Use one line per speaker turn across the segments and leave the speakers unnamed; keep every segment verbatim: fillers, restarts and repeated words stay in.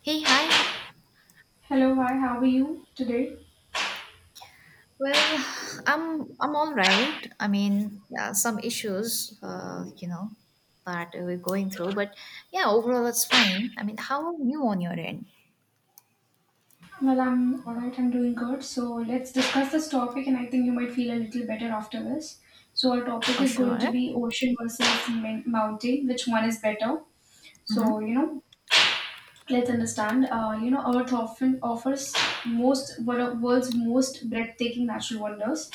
Hey, hi.
Hello, hi, how are you today?
Well, I'm I'm all right. I mean, yeah, some issues, uh, you know, that we're going through, but yeah, overall it's fine. I mean, how are you on your end?
Well, I'm alright, I'm doing good. So, let's discuss this topic, and I think you might feel a little better after this. So, our topic
Oh,
is going to
sure.
be ocean versus min- mountain, which one is better? So, you
Mm-hmm.
know, let's understand. Uh, you know, Earth often offers most one of world's most breathtaking natural wonders,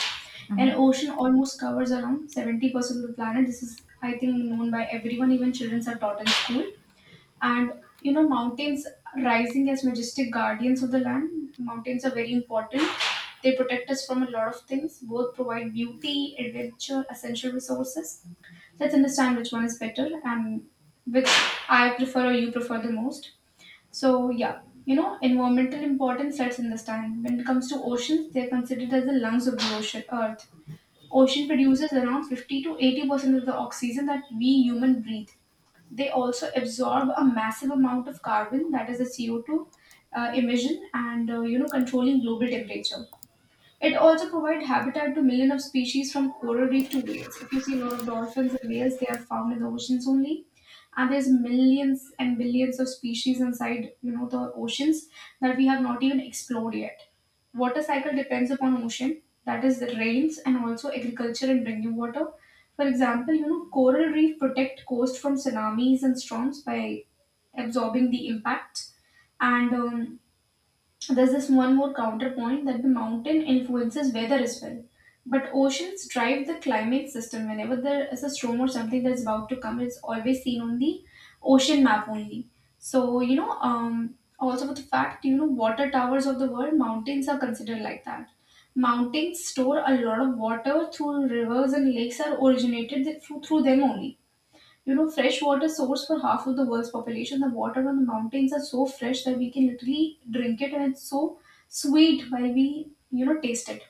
and
Mm-hmm.
ocean almost covers around seventy percent of the planet. This is, I think, known by everyone, even children are taught in school. And you know mountains, rising as majestic guardians of the land, mountains are very important. They protect us from a lot of things. Both provide beauty, adventure, essential resources. Let's understand which one is better, and which I prefer or you prefer the most. So yeah, you know environmental importance. Let's understand, when it comes to oceans, they're considered as the lungs of the ocean earth. Ocean produces around fifty to eighty percent of the oxygen that we human breathe. They also absorb a massive amount of carbon, that is the C O two uh, emission, and uh, you know controlling global temperature. It also provides habitat to millions of species from coral reef to whales. If you see a lot of dolphins and whales, they are found in the oceans only. And there's millions and billions of species inside, you know, the oceans that we have not even explored yet. Water cycle depends upon ocean, that is the rains and also agriculture and drinking water. For example, you know, coral reef protect coast from tsunamis and storms by absorbing the impact. And um, there's this one more counterpoint that the mountain influences weather as well. But oceans drive the climate system. Whenever there is a storm or something that's about to come, it's always seen on the ocean map only. So, you know, um, also with the fact, you know, water towers of the world, mountains are considered like that. Mountains store a lot of water through rivers and lakes are originated th- through, through them only. You know, fresh water source for half of the world's population. The water on the mountains are so fresh that we can literally drink it and it's so sweet while we, you know, taste it,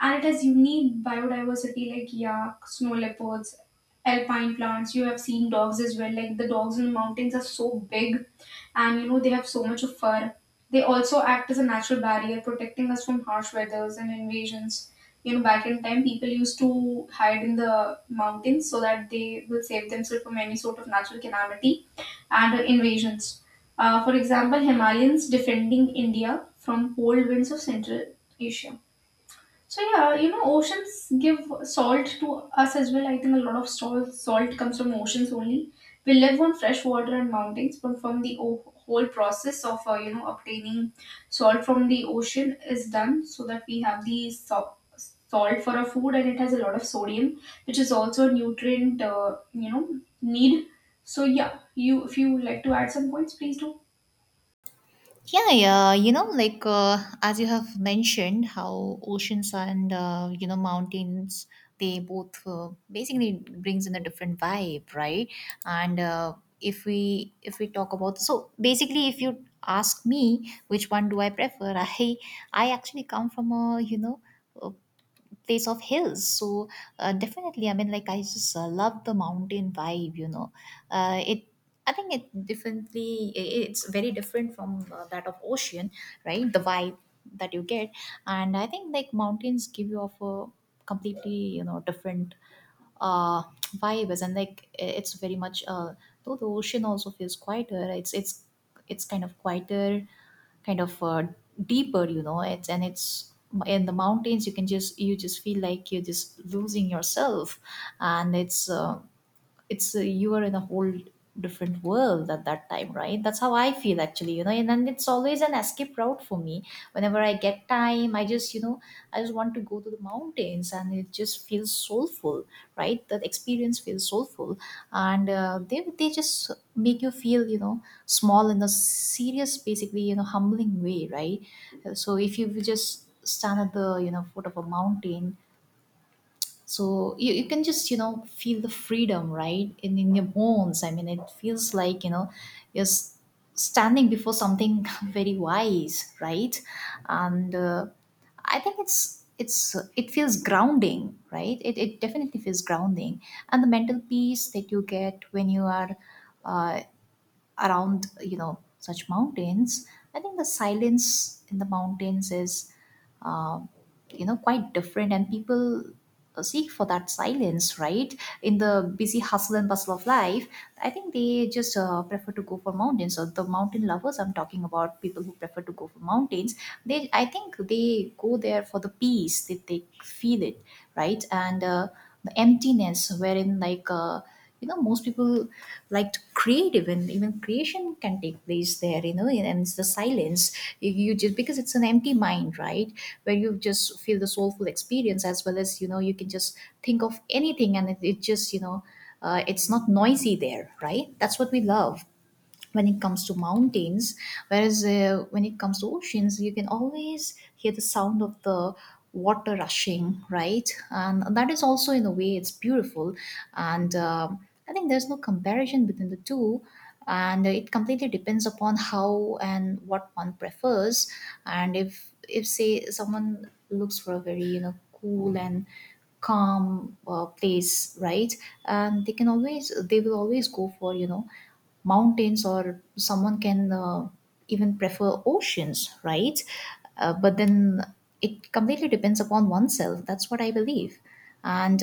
and it has unique biodiversity like yak, snow leopards, alpine plants. You have seen dogs as well. Like the dogs in the mountains are so big, and you know they have so much of fur. They also act as a natural barrier, protecting us from harsh weathers and invasions. You know, back in time, people used to hide in the mountains so that they will save themselves from any sort of natural calamity and uh, invasions. Uh, for example, Himalayans defending India from cold winds of Central Asia. So yeah, you know, oceans give salt to us as well. I think a lot of salt salt comes from oceans only. We live on fresh water and mountains, but from the o- whole process of uh, you know obtaining salt from the ocean is done so that we have the so- salt for our food, and it has a lot of sodium, which is also a nutrient uh, you know need. So yeah, you if you would like to add some points, please do.
Yeah, yeah, you know, like uh, as you have mentioned, how oceans and uh, you know mountains, they both uh, basically brings in a different vibe, right? And uh, if we if we talk about, so basically, if you ask me which one do I prefer, I I actually come from a you know a place of hills, so uh, definitely, I mean, like, I just uh, love the mountain vibe, you know. Uh, it I think it differently. I- it's very different from uh, that of ocean, right? The vibe that you get. And I think like mountains give you off a completely, you know, different uh, vibes. And like, it's very much uh, though the ocean also feels quieter, right? It's it's it's kind of quieter, kind of uh, deeper, you know. It's and it's, in the mountains, you can just, you just feel like you're just losing yourself. And it's uh, it's uh, you are in a whole different world at that time, right? That's how I feel, actually, you know. And then it's always an escape route for me. Whenever I get time, I just, you know, I just want to go to the mountains and it just feels soulful, right? That experience feels soulful. And uh, they they just make you feel, you know, small, in a serious, basically, you know, humbling way, right? So if you just stand at the, you know, foot of a mountain, so you, you can just, you know, feel the freedom right in, in your bones. I mean, it feels like, you know, you're s- standing before something very wise, right? And uh, I think it's it's it feels grounding, right? It, it definitely feels grounding. And the mental peace that you get when you are uh, around, you know, such mountains. I think the silence in the mountains is, uh, you know, quite different, and people seek for that silence, right? In the busy hustle and bustle of life, I think they just uh, prefer to go for mountains. So the mountain lovers, I'm talking about people who prefer to go for mountains, they, I think they go there for the peace that they feel it, right? And uh, the emptiness, wherein like, uh, you know, most people like to create, even even creation can take place there, you know. And it's the silence. You, you just, because it's an empty mind, right? Where you just feel the soulful experience, as well as, you know, you can just think of anything, and it, it just, you know, uh, it's not noisy there, right? That's what we love when it comes to mountains. Whereas uh, when it comes to oceans, you can always hear the sound of the water rushing, right? And that is also, in a way, it's beautiful. And um I think there's no comparison between the two, and it completely depends upon how and what one prefers. And if if say someone looks for a very, you know, cool and calm uh, place, right? And they can always they will always go for, you know, mountains. Or someone can uh, even prefer oceans, right? Uh, but then it completely depends upon oneself, that's what I believe. And